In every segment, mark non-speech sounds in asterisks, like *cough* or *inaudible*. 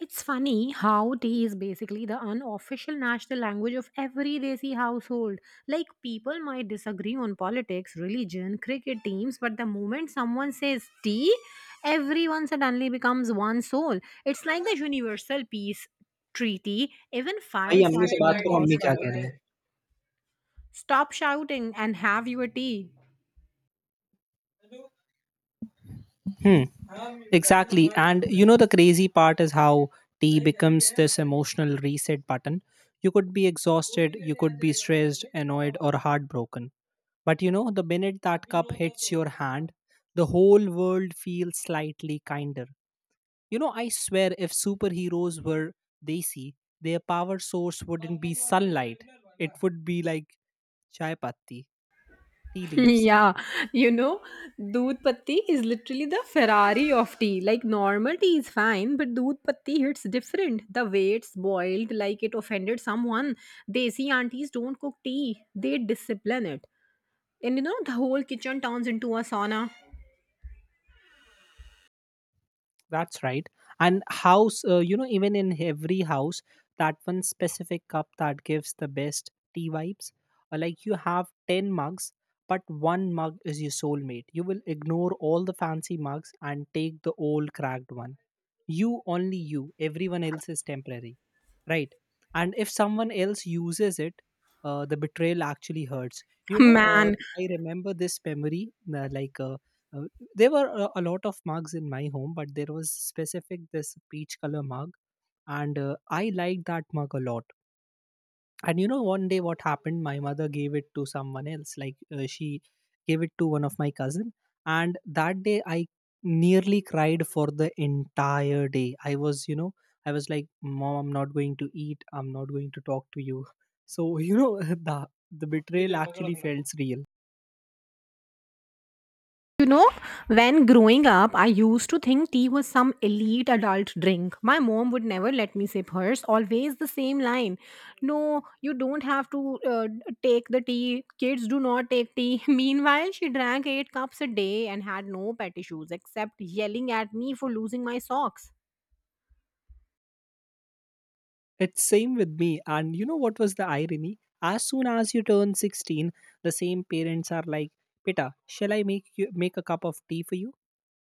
It's funny how tea is basically the unofficial national language of every Desi household. Like, people might disagree on politics, religion, cricket teams, but the moment someone says tea, everyone suddenly becomes one soul. It's like the universal peace treaty. Even Hey, I'm fights going at to talk home to my mom. pause What for are it. you saying? Stop shouting and have your tea. Hmm. Exactly. And you know the crazy part is how tea becomes this emotional reset button. You could be exhausted, you could be stressed, annoyed, or heartbroken. But you know, the minute that cup hits your hand, the whole world feels slightly kinder. You know, I swear, if superheroes were, they see their power source wouldn't be sunlight. It would be like chai patti, tea leaves. Yeah, you know, doodh patti is literally the Ferrari of tea. Like normal tea is fine, but doodh patti hits different. The way it's boiled, like it offended someone. Desi aunties don't cook tea; they discipline it. And you know, the whole kitchen turns into a sauna. That's right. And house, you know, even in every house, that one specific cup that gives the best tea vibes. Like you have 10 mugs, but one mug is your soulmate. You will ignore all the fancy mugs and take the old cracked one you only you everyone else is temporary, right. And if someone else uses it, the betrayal actually hurts, Man, I remember this memory. uh, like uh, uh, there were a lot of mugs in my home, but there was specific this peach color mug, and I liked that mug a lot. And you know, one day what happened? My mother gave it to someone else. Like, she gave it to one of my cousin, and that day I nearly cried for the entire day. I was, you know, I was like, "Mom, I'm not going to eat. I'm not going to talk to you." *laughs* So you know, *laughs* the the betrayal actually felt real. You know, when growing up, I used to think tea was some elite adult drink. My mom would never let me sip hers, always the same line. No, you don't have to take the tea. Kids do not take tea. *laughs* Meanwhile, she drank eight cups a day and had no pet issues except yelling at me for losing my socks. It's same with me. And you know what was the irony? As soon as you turn 16, the same parents are like, "Pita, shall I make you make a cup of tea for you?"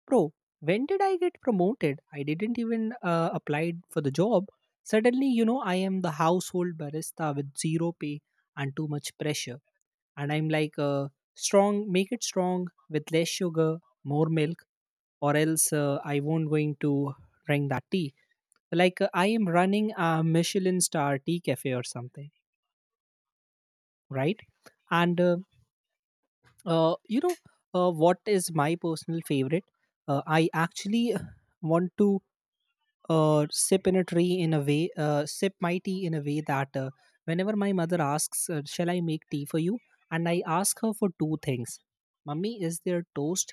Bro, when did I get promoted? I didn't even applied for the job. Suddenly, you know, I am the household barista with zero pay and too much pressure. And I'm like, strong, make it strong with less sugar, more milk, or else I won't going to drink that tea. Like I am running a Michelin star tea cafe or something, right? And you know What is my personal favorite? I actually want to sip in a tree in a way, sip my tea in a way that, whenever my mother asks, shall I make tea for you, and I ask her for two things. Mummy, is there toast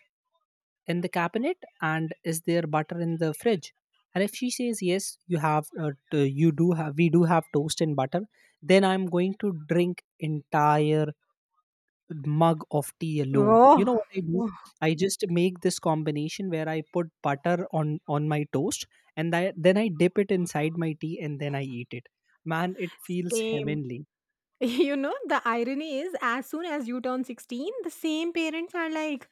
in the cabinet and is there butter in the fridge? And if she says, yes, you have, you do have, we do have toast and butter, then I'm going to drink entire mug of tea alone. You Oh, know what I do? I just make this combination where I put butter on my toast, and then I dip it inside my tea and then I eat it. Man, it feels same. *laughs* heavenly. The irony is, as soon as you turn 16, the same parents are like,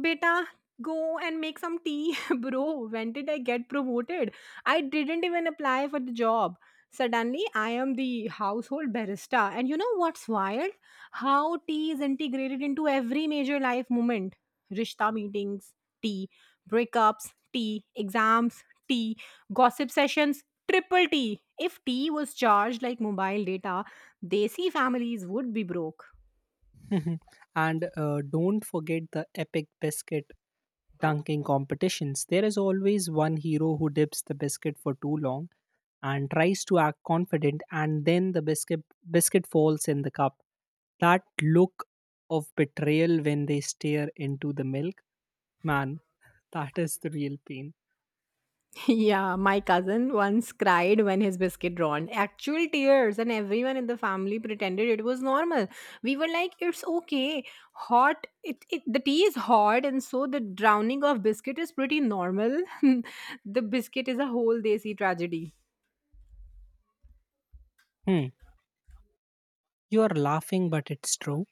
"Beta, go and make some tea." *laughs* Bro, when did I get promoted? I didn't even apply for the job. Suddenly, I am the household barista. And you know what's wild? How tea is integrated into every major life moment. Rishta meetings, tea. Breakups, tea. Exams, tea. Gossip sessions, triple tea. If tea was charged like mobile data, Desi families would be broke. *laughs* and don't forget the epic biscuit dunking competitions. There is always one hero who dips the biscuit for too long and tries to act confident, and then the biscuit falls in the cup. That look of betrayal when they stare into the milk. Man, that is the real pain. *laughs* Yeah, my cousin once cried when his biscuit drawn. Actual tears, and everyone in the family pretended it was normal. We were like, it's okay. Hot, it, the tea is hot, and so the drowning of biscuit is pretty normal. *laughs* The biscuit is a whole Desi tragedy. Hmm. You are laughing, but it's true.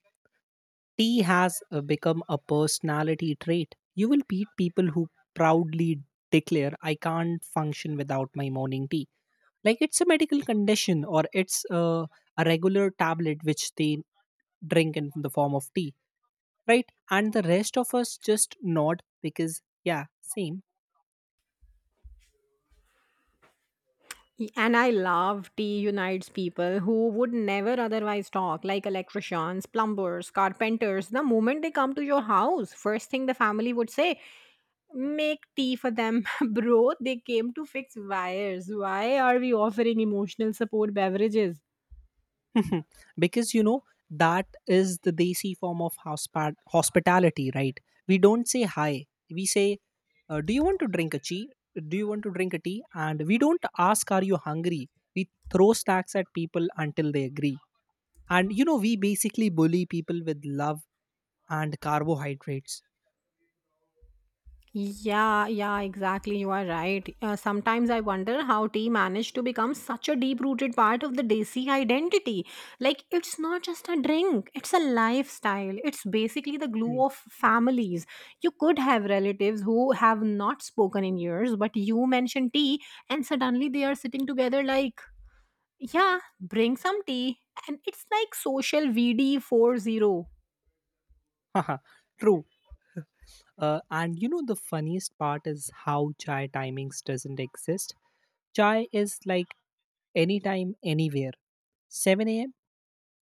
Tea has become a personality trait. You will meet people who proudly declare, I can't function without my morning tea. Like it's a medical condition or it's a regular tablet which they drink in the form of tea, right? And the rest of us just nod because, yeah, same. And I love tea unites people who would never otherwise talk, like electricians, plumbers, carpenters. The moment they come to your house, first thing the family would say, "Make tea for them." *laughs* Bro, they came to fix wires. Why are we offering emotional support beverages? *laughs* Because you know, that is the desi form of hospitality, right? We don't say hi, we say, do you want to drink a tea, do you want to drink a tea? And we don't ask, are you hungry? We throw stacks at people until they agree. And you know, we basically bully people with love and carbohydrates. Yeah, yeah, exactly. You are right. Sometimes I wonder how tea managed to become such a deep rooted part of the Desi identity. Like, it's not just a drink, it's a lifestyle. It's basically the glue Mm. of families. You could have relatives who have not spoken in years, but you mention tea, and suddenly they are sitting together like, "Yeah, bring some tea." And it's like social VD40. *laughs* True. And you know, the funniest part is how chai timings doesn't exist. Chai is like anytime, anywhere. 7 a.m.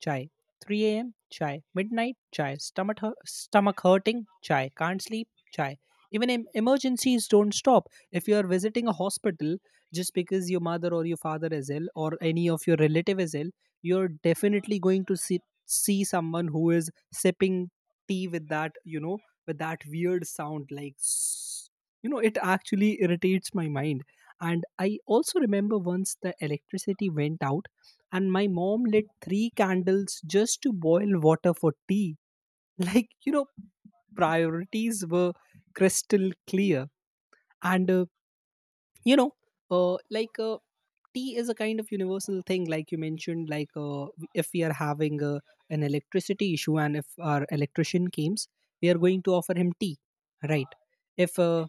Chai. 3 a.m. Chai. Midnight. Chai. Stomach, stomach hurting. Chai. Can't sleep. Chai. Even emergencies don't stop. If you are visiting a hospital just because your mother or your father is ill or any of your relative is ill, you're definitely going to see someone who is sipping tea with that, you know, with that weird sound like, s-, you know, it actually irritates my mind. And I also remember once the electricity went out and my mom lit 3 candles just to boil water for tea. *laughs* Like, you know, priorities were crystal clear. And, you know, like Tea is a kind of universal thing, like you mentioned. Like if we are having an electricity issue and if our electrician comes, we are going to offer him tea, right? If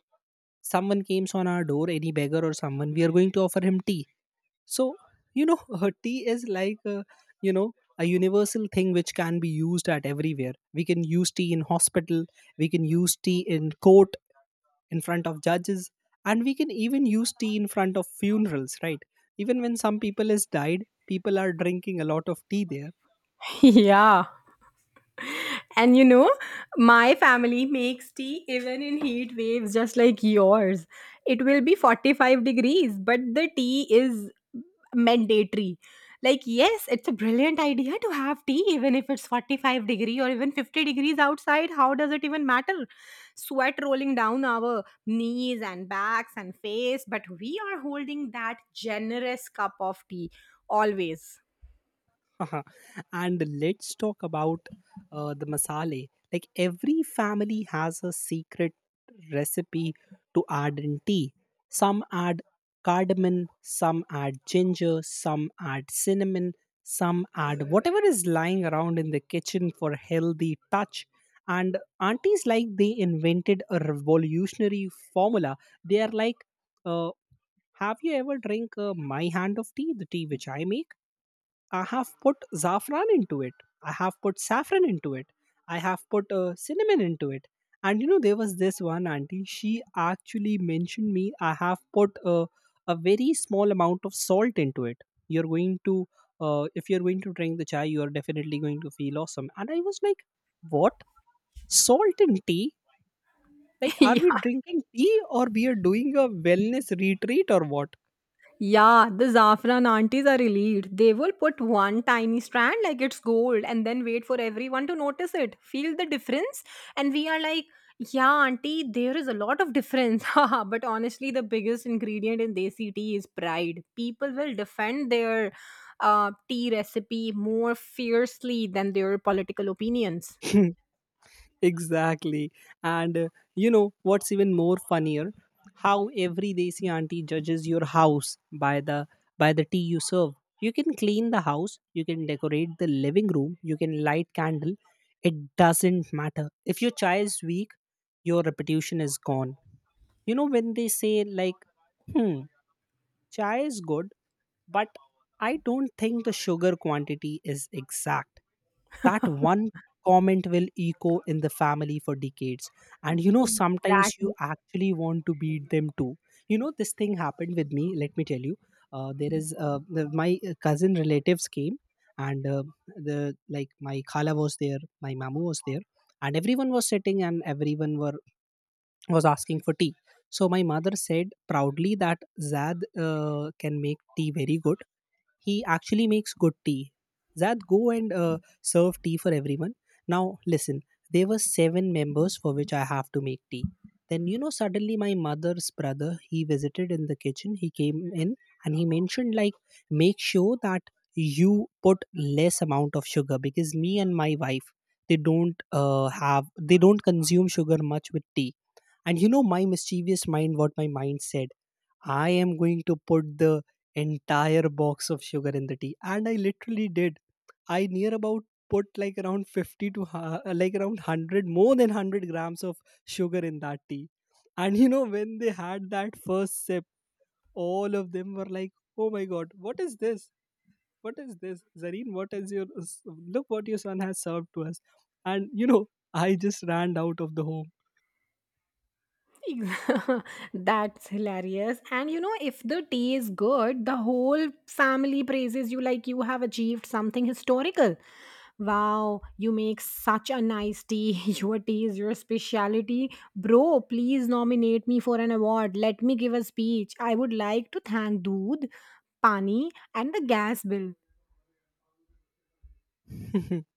someone comes on our door, any beggar or someone, we are going to offer him tea. So, you know, *laughs* tea is like, you know, a universal thing which can be used at everywhere. We can use tea in hospital, we can use tea in court, in front of judges, and we can even use tea in front of funerals, right? Even when some people has died, people are drinking a lot of tea there. *laughs* Yeah. And you know, my family makes tea even in heat waves, just like yours. It will be 45 degrees, but the tea is mandatory. Like, yes, it's a brilliant idea to have tea, even if it's 45 degree or even 50 degrees outside. How does it even matter? Sweat rolling down our knees and backs and face, but we are holding that generous cup of tea always. *laughs* Haha. And let's talk about the masale. Like every family has a secret recipe to add in tea. Some add cardamom, some add ginger, some add cinnamon, some add whatever is lying around in the kitchen for healthy touch. And aunties like they invented a revolutionary formula. They are like, uh, have you ever drink my hand of tea, the tea which I make? I have put saffron into it. I have put saffron into it. I have put cinnamon into it. And you know, there was this one auntie. She actually mentioned me. I have put a very small amount of salt into it. You're going to, if you're going to drink the chai, you are definitely going to feel awesome. And I was like, what? Salt in tea? Like, are we *laughs* drinking tea or we are doing a wellness retreat or what? Yeah, the saffron aunties are elite. They will put one tiny strand like it's gold and then wait for everyone to notice it. Feel the difference? And we are like, yeah, auntie, there is a lot of difference. *laughs* Haha, but honestly, the biggest ingredient in desi tea is pride. People will defend their tea recipe more fiercely than their political opinions. *laughs* Exactly. And You know what's even more funnier? How every desi auntie judges your house by the tea you serve. You can clean the house, you can decorate the living room, you can light candle. It doesn't matter. If your chai is weak, your reputation is gone. You know when they say like, hmm, chai is good, but I don't think the sugar quantity is exact. That one comment will echo in the family for decades. And you know, sometimes you Exactly. actually want to beat them too. You know, this thing happened with me. Let me tell you. There is the, my cousin relatives came, and the like my khala was there, my mamu was there, and everyone was sitting, and everyone were was asking for tea. So my mother said proudly that Zad can make tea very good, he actually makes good tea. Zad, go and serve tea for everyone. Now, listen, there were 7 members for which I have to make tea. Then, you know, suddenly my mother's brother, he visited in the kitchen. He came in and he mentioned, like, make sure that you put less amount of sugar because me and my wife, they don't they don't consume sugar much with tea. And you know, my mischievous mind, what my mind said, I am going to put the entire box of sugar in the tea. And I literally did. I near about put like around 50 to like around 100, more than 100 grams of sugar in that tea. And you know, when they had that first sip, all of them were like, oh my God, what is this? What is this? Zareen, what is your, look what your son has served to us. And you know, I just ran out of the Ex- *laughs* That's hilarious. And you know, if the tea is good, the whole family praises you like you have achieved something historical. Wow, you make such a nice tea. *laughs* Your tea is your speciality. Bro, please nominate me for an award. Let me give a speech. I would like to thank Dood, Pani, and the gas bill. home. *laughs*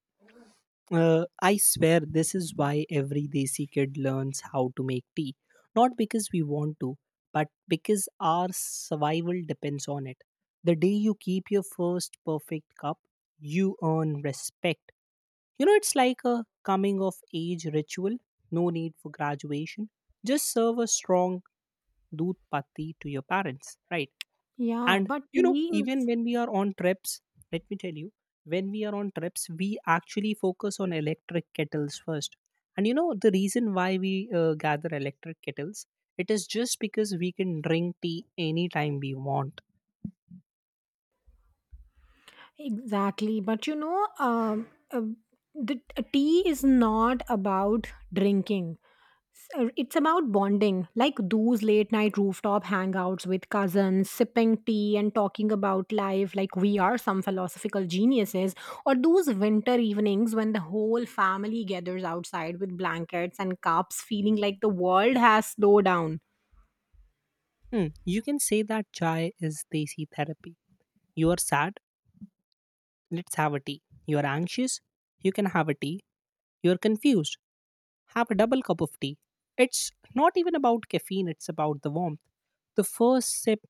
I swear this is why every desi kid learns how to make tea. Not because we want to, but because our survival depends on it. The day you keep your first perfect cup, you earn respect. You know, it's like a coming of age ritual, no need for graduation. Just serve a strong doodh patti to your parents, right? Yeah, And but you know, tea even is when we are on trips, let me tell you, when we are on trips we actually focus on electric kettles first. And you know, the reason why we gather electric kettles, it is just because we can drink tea anytime we want. exactly. But you know, the tea is not about drinking. So it's about bonding, like those late night rooftop hangouts with cousins, sipping tea and talking about life like we are some philosophical geniuses, or those winter evenings when the whole family gathers outside with blankets and cups, feeling like the world has slowed down. Hmm, you can say that chai is desi therapy. You are sad, let's have a tea. You are anxious, you can have a tea. You are confused, have a double cup of tea. It's not even about caffeine, it's about the warmth. The first sip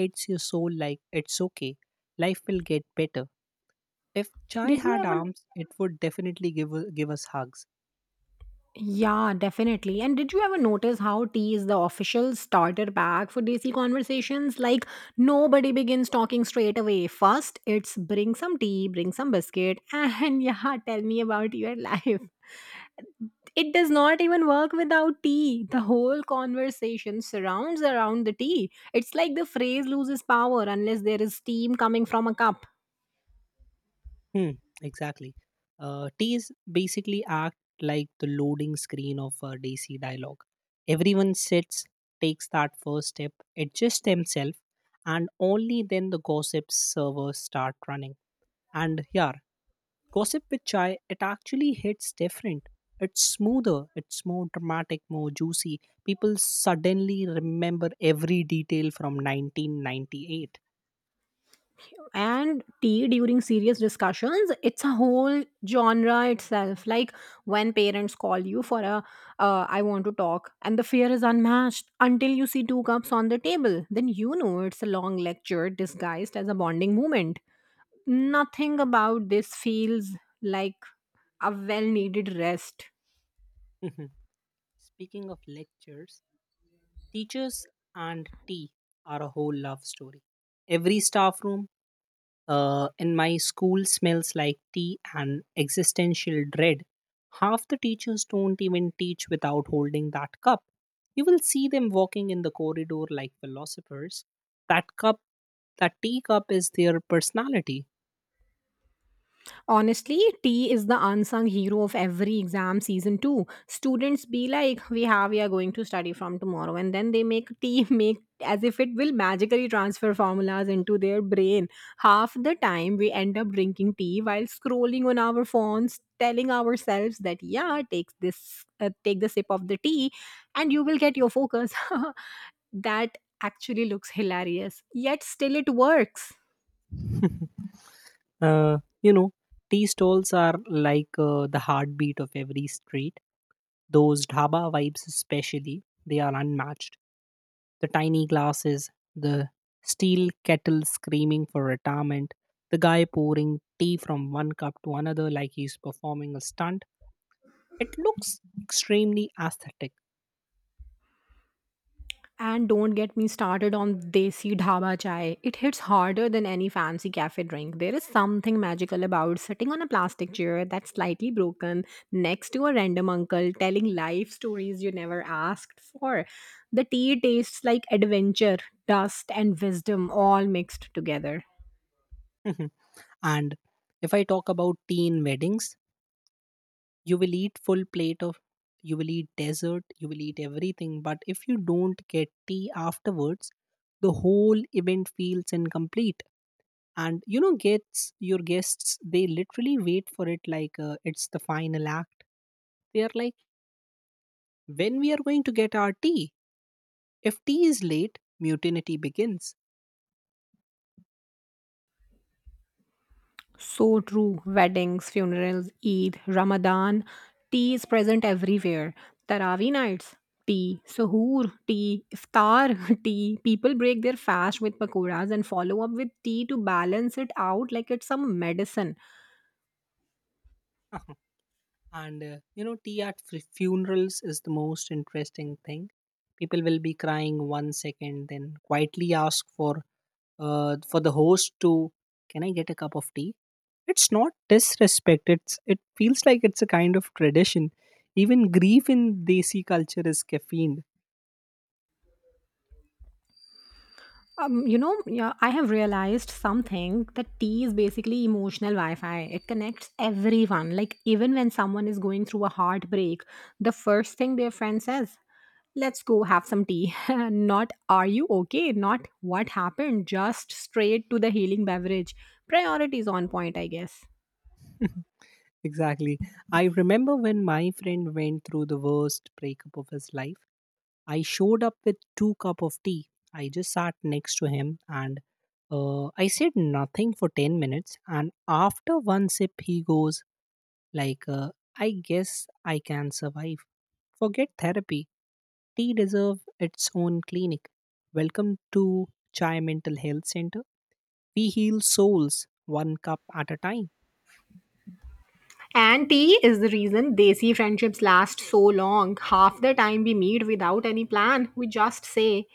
hits your soul like it's okay. Life will get better. If chai Did you had ever? arms, it would definitely give us hugs. Yeah, definitely. And did you ever notice how tea is the official starter bag for Desi conversations? Like, nobody begins talking straight away. First, it's bring some tea, bring some biscuit, and *laughs* yeah, tell me about your life. It does not even work without tea. The whole conversation surrounds around the tea. It's like the phrase loses power unless there is steam coming from a cup. Hmm, exactly. Teas basically act like the loading screen of a DC dialogue. Everyone sits, takes that first step, adjusts themselves, and only then the gossip servers start running. And yeah, gossip with chai, it actually hits different. It's smoother, it's more dramatic, more juicy. People suddenly remember every detail from 1998. And tea during serious discussions, it's a whole genre itself. Like when parents call you for a "I want to talk," and the fear is unmatched until you see two cups on the table. Then you know it's a long lecture disguised as a bonding moment. Nothing about this feels like a well needed rest. Speaking of lectures, teachers and tea are a whole love story. Every staff room in my school smells like tea and existential dread. Half the teachers don't even teach without holding that cup. You will see them walking in the corridor like philosophers. That cup, that tea cup is their personality. Honestly, T is the unsung hero of every exam season too. Students be like, we are going to study from tomorrow. And then they make T *laughs* make as if it will magically transfer formulas into their brain. Half the time we end up drinking tea while scrolling on our phones, telling ourselves that, yeah, take the sip of the tea and you will get your focus. *laughs* That actually looks hilarious. Yet still it works. *laughs* Uh, you know, tea stalls are like the heartbeat of every street. Those dhaba vibes, especially, they are unmatched. The tiny glasses, the steel kettle screaming for retirement, the guy pouring tea from one cup to another like he's performing a stunt. It looks extremely aesthetic. And don't get me started on desi dhaba chai. It hits harder than any fancy cafe drink. There is something magical about sitting on a plastic chair that's slightly broken next to a random uncle telling life stories you never asked for. The tea tastes like adventure, dust, and wisdom all mixed together. *laughs* And if I talk about tea in weddings, you will eat full plate of you will eat dessert, you will eat everything, but if you don't get tea afterwards, the whole event feels incomplete. And you know, gets your guests, they literally wait for it like it's the final act. They are like, when we are going to get our tea? If tea is late, mutiny begins. So true. Weddings, funerals, Eid, Ramadan, tea is present everywhere. Tarawih nights, tea. Suhoor, tea. Iftar, *laughs* tea. People break their fast with pakoras and follow up with tea to balance it out like it's some medicine. *laughs* And tea at funerals is the most interesting thing. People will be crying one second, then quietly ask for the host to, can I get a cup of tea? It's not disrespect, it feels like it's a kind of tradition. Even grief in desi culture is caffeined. You know, yeah, I have realized something that tea is basically emotional Wi Fi. It connects everyone. Like, even when someone is going through a heartbreak, the first thing their friend says, "Let's go have some tea." *laughs* Not "are you okay?" Not "what happened?" Just straight to the healing beverage. Priorities on point, I guess. *laughs* Exactly. I remember when my friend went through the worst breakup of his life, I showed up with two cup of tea. I just sat next to him and I said nothing for 10 minutes. And after one sip, he goes like, I guess I can survive. Forget therapy. Tea deserves its own clinic. Welcome to Chai Mental Health Center. We heal souls one cup at a time. And tea is the reason Desi friendships last so long. Half the time we meet without any plan. We just say,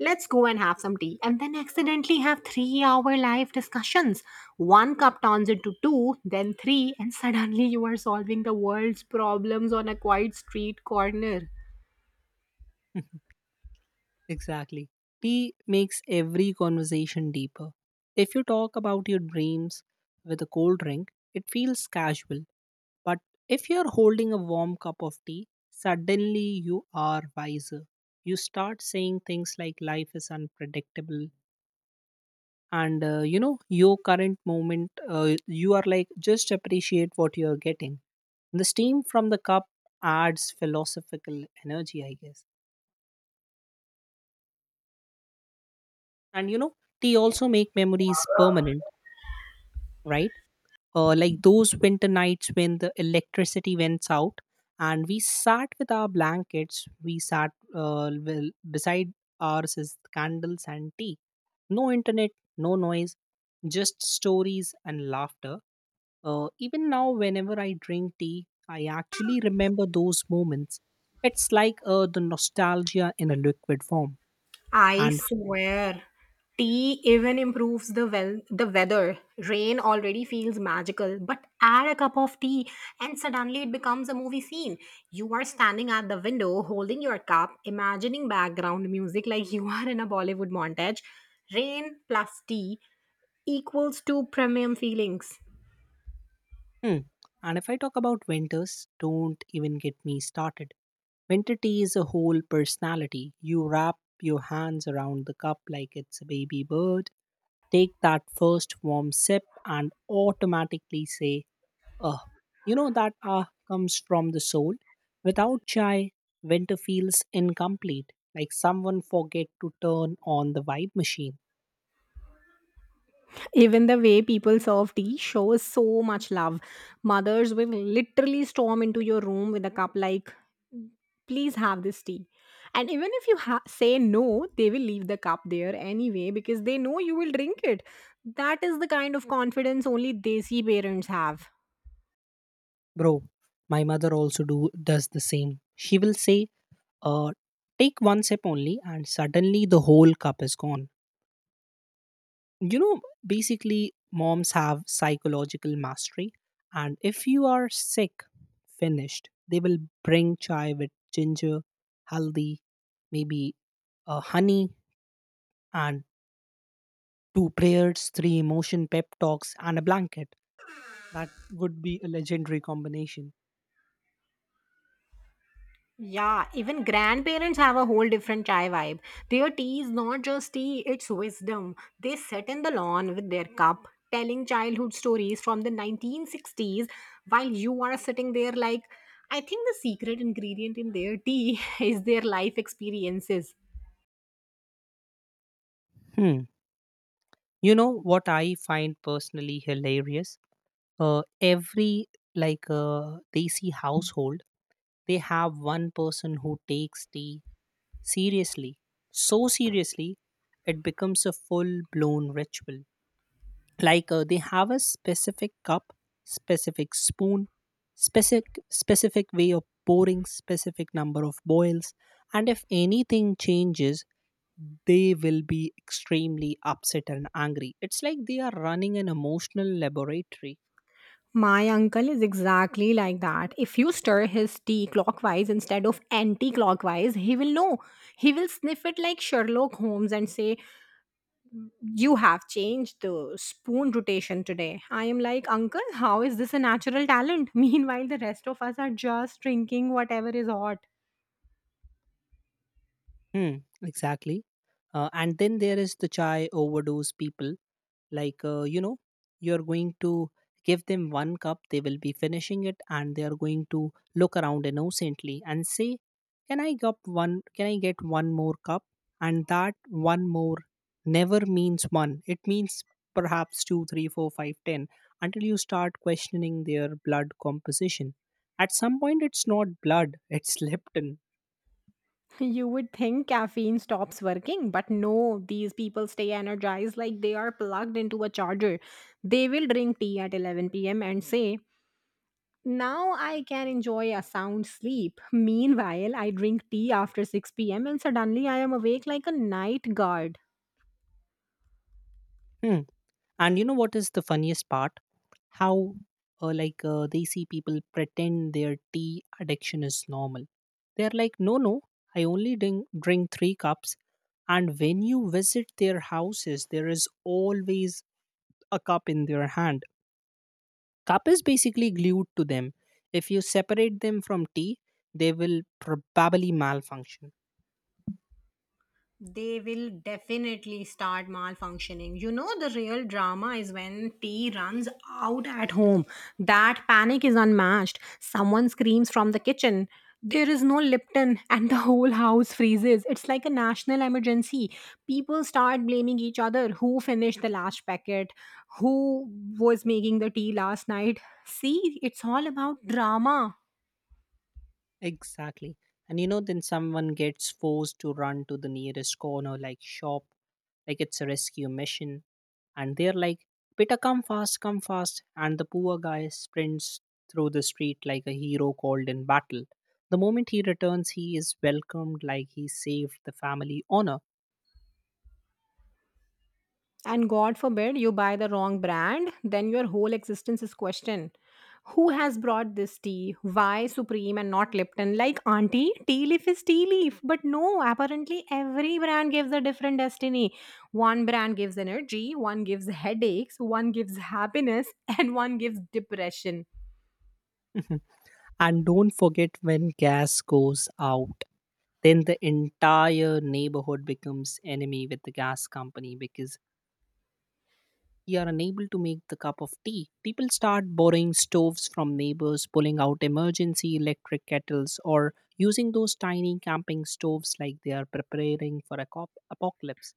"let's go and have some tea." And then accidentally have 3 hour live discussions. One cup turns into two, then three, and suddenly you are solving the world's problems on a quiet street corner. *laughs* Exactly. Tea makes every conversation deeper. If you talk about your dreams with a cold drink, it feels casual. But if you're holding a warm cup of tea, suddenly you are wiser. You start saying things like life is unpredictable, and your current moment, you are like just appreciate what you are getting. The steam from the cup adds philosophical energy, I guess. And you know, tea also make memories permanent, right? Like those winter nights when the electricity went out, and we sat with our blankets, we sat well, beside ours is candles and tea. No internet, no noise, just stories and laughter. Even now, whenever I drink tea, I actually remember those moments. It's like the nostalgia in a liquid form. I And swear, tea even improves the weather. Rain already feels magical, but add a cup of tea and suddenly it becomes a movie scene. You are standing at the window holding your cup, imagining background music like *laughs* you are in a Bollywood montage. Rain plus tea equals to premium feelings. hmm. And if I talk about winters, don't even get me started. Winter tea is a whole personality. You wrap your hands around the cup like it's a baby bird, take that first warm sip, and automatically say, ugh. You know that ah comes from the soul. Without chai, winter feels incomplete, like someone forget to turn on the vibe machine. Even the way people serve tea shows so much love. Mothers will literally storm into your room with a cup like, "please have this tea," and even if you say no, they will leave the cup there anyway because they know you will drink it. That is the kind of confidence only desi parents have. Bro, my mother also do does the same. She will say uh, take one sip only and suddenly the whole cup is gone, you know. Basically moms have psychological mastery. And if you are sick, finished, they will bring chai with ginger, haldi, maybe honey, and two prayers, three emotion pep talks and a blanket. That would be a legendary combination. Yeah, even grandparents have a whole different chai vibe. Their tea is not just tea, it's wisdom. They sit in the lawn with their cup, telling childhood stories from the 1960s, while you are sitting there like, I think the secret ingredient in their tea *laughs* is their life experiences. Hmm. You know what I find personally hilarious? Every desi household, they have one person who takes tea seriously, so seriously, it becomes a full blown ritual. Like they have a specific cup, specific spoon, specific specific way of pouring, specific number of boils, and if anything changes, they will be extremely upset and angry. It's like they are running an emotional laboratory. My uncle is exactly like that. If you stir his tea clockwise instead of anti clockwise, he will know. He will sniff it like Sherlock Holmes and say, "You have changed the spoon rotation today." I am like, "Uncle, how is this a natural talent?" *laughs* Meanwhile, the rest of us are just drinking whatever is hot. Hmm, exactly. And then there is the chai overdose people, like you're going to give them one cup, they will be finishing it, and they are going to look around innocently and say, can I get one, can I get one more cup? And that one more never means one, it means perhaps two three four five ten, until you start questioning their blood composition. At some point it's not blood, it's leptin. You would think caffeine stops working, but no, these people stay energized like they are plugged into a charger. They will drink tea at 11 p.m. and say, "Now I can enjoy a sound sleep." Meanwhile, I drink tea after 6 p.m. and suddenly I am awake like a night guard. *laughs* And you know what is the funniest part? How they see people pretend their tea addiction is normal. They're like, no, no, I only drink three cups. And when you visit their houses, there is always a cup in their hand. Cup is basically glued to them. If you separate them from tea, they will probably malfunction. They will definitely start malfunctioning. You know, the real drama is when tea runs out at home. That panic is unmatched. Someone screams from the kitchen. There is no Lipton, *laughs* and the whole house freezes. It's like a national emergency. People start blaming each other, who finished the last packet, who was making the tea last night. See, it's all about drama. Exactly. And you know, then someone gets forced to run to the nearest corner, like shop, like it's a rescue mission. And they're like, beta, come fast, come fast. And the poor guy sprints through the street like a hero called in battle. The moment he returns, he is welcomed like he saved the family honor. And god forbid you buy the wrong brand, then your whole existence is questioned. Who has brought this tea? Why supreme and not lipton? Like, auntie, tea leaf is tea leaf. But no, apparently every brand gives a different destiny. One brand gives energy, one gives headaches, one gives happiness, *laughs* and one gives depression. *laughs* And don't forget when gas goes out. Then the entire neighborhood becomes enemy with the gas company because you are unable to make the cup of tea. People start borrowing stoves from neighbors, pulling out emergency electric kettles, or using those tiny camping stoves like they are preparing for a apocalypse.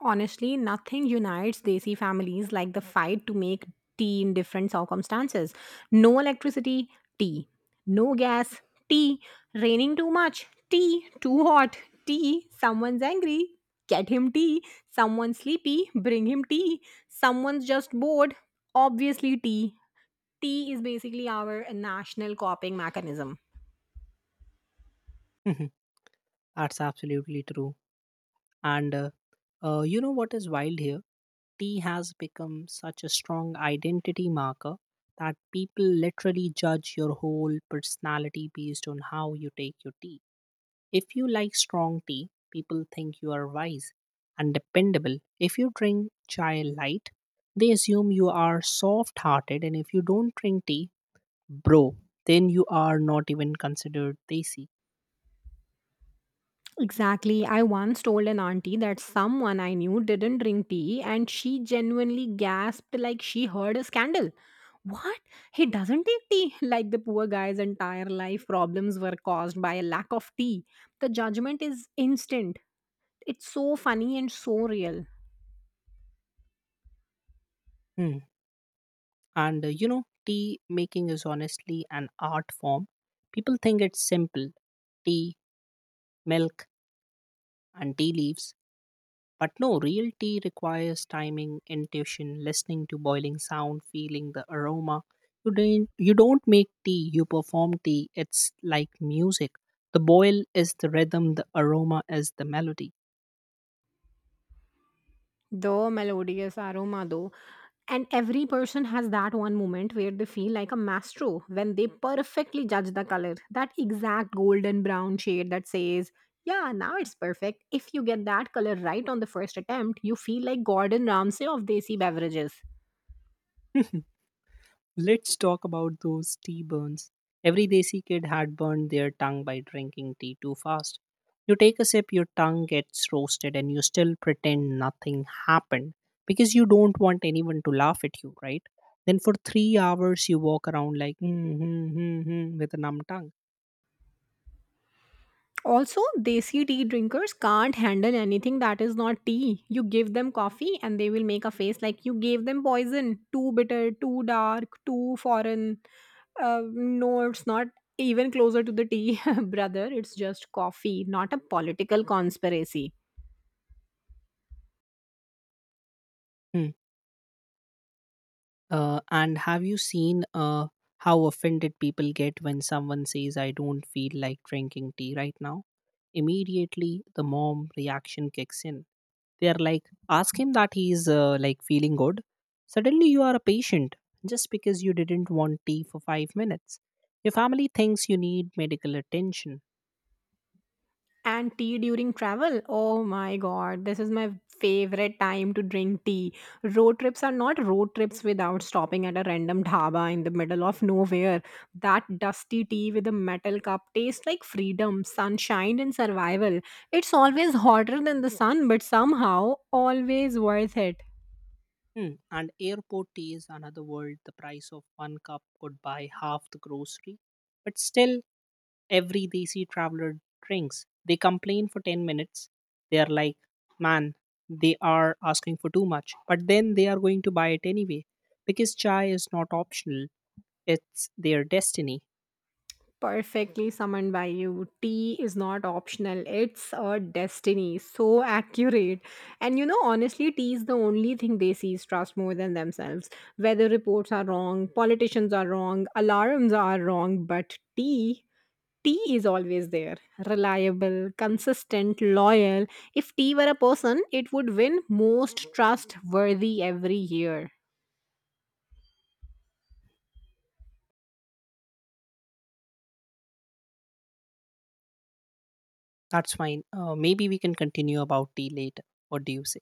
Honestly, nothing unites Desi families like the fight to make tea in different circumstances. No electricity, tea. No gas, tea. Raining too much, tea. Too hot, tea. Someone's angry, get him tea. Someone's sleepy, bring him tea. Someone's just bored, obviously, tea. Tea is basically our national coping mechanism. *laughs* That's absolutely true. And You know what is wild here? Tea has become such a strong identity marker that people literally judge your whole personality based on how you take your tea. If you like strong tea, people think you are wise and dependable. If you drink chai light, they assume you are soft hearted. And if you don't drink tea, bro, then you are not even considered desi. Exactly. I once told an auntie that someone I knew didn't drink tea and she genuinely gasped like she heard a scandal. "What? He doesn't take tea?" *laughs* Like the poor guy's entire life problems were caused by a lack of tea. The judgment is instant. It's so funny and so real. Hmm. Tea making is honestly an art form. People think it's simple: tea, milk, and tea leaves. But no, real tea requires timing, intuition, listening to boiling sound, feeling the aroma. You don't make tea, you perform tea. It's like music. The boil is the rhythm, the aroma is the melody. The melodious aroma, though. And every person has that one moment where they feel like a maestro when they perfectly judge the color, that exact golden brown shade that says, yeah, now it's perfect. If you get that color right on the first attempt, you feel like Gordon Ramsay of Desi beverages. *laughs* Let's talk about those tea burns. Every desi kid had burned their tongue by drinking tea too fast. You take a sip, your tongue gets roasted, and you still pretend nothing happened because you don't want anyone to laugh at you, right? Then for 3 hours, you walk around like, mm-hmm, with a numb tongue. Also, desi tea drinkers can't handle anything that is not tea. You give them coffee and they will make a face like you gave them poison. Too bitter, too dark, too foreign. No, it's not even closer to the tea, *laughs* brother. It's just coffee, not a political conspiracy. Hmm. And have you seen how offended people get when someone says, I don't feel like drinking tea right now? Immediately, the mom reaction kicks in. They are like, ask him that he's like feeling good. Suddenly you are a patient just because you didn't want tea for 5 minutes. Your family thinks you need medical attention. And tea during travel? Oh my god, this is my favorite time to drink tea. Road trips are not road trips without stopping at a random dhaba in the middle of nowhere. That dusty tea with a metal cup tastes like freedom, sunshine, and survival. It's always hotter than the sun, but somehow always worth it. Hmm. And airport tea is another world. The price of one cup could buy half the grocery. But still, every desi traveler drinks. They complain for 10 minutes. They are like, man, they are asking for too much. But then they are going to buy it anyway because chai is not optional, it's their destiny. Perfectly summoned by you. Tea is not optional, it's a destiny. So accurate. And you know, honestly, tea is the only thing they see trust more than themselves. Weather reports are wrong, politicians are wrong, alarms are wrong, but tea. Tea is always there, reliable, consistent, loyal. If tea were a person, it would win most trustworthy every year. That's fine. Maybe we can continue about tea later. What do you say?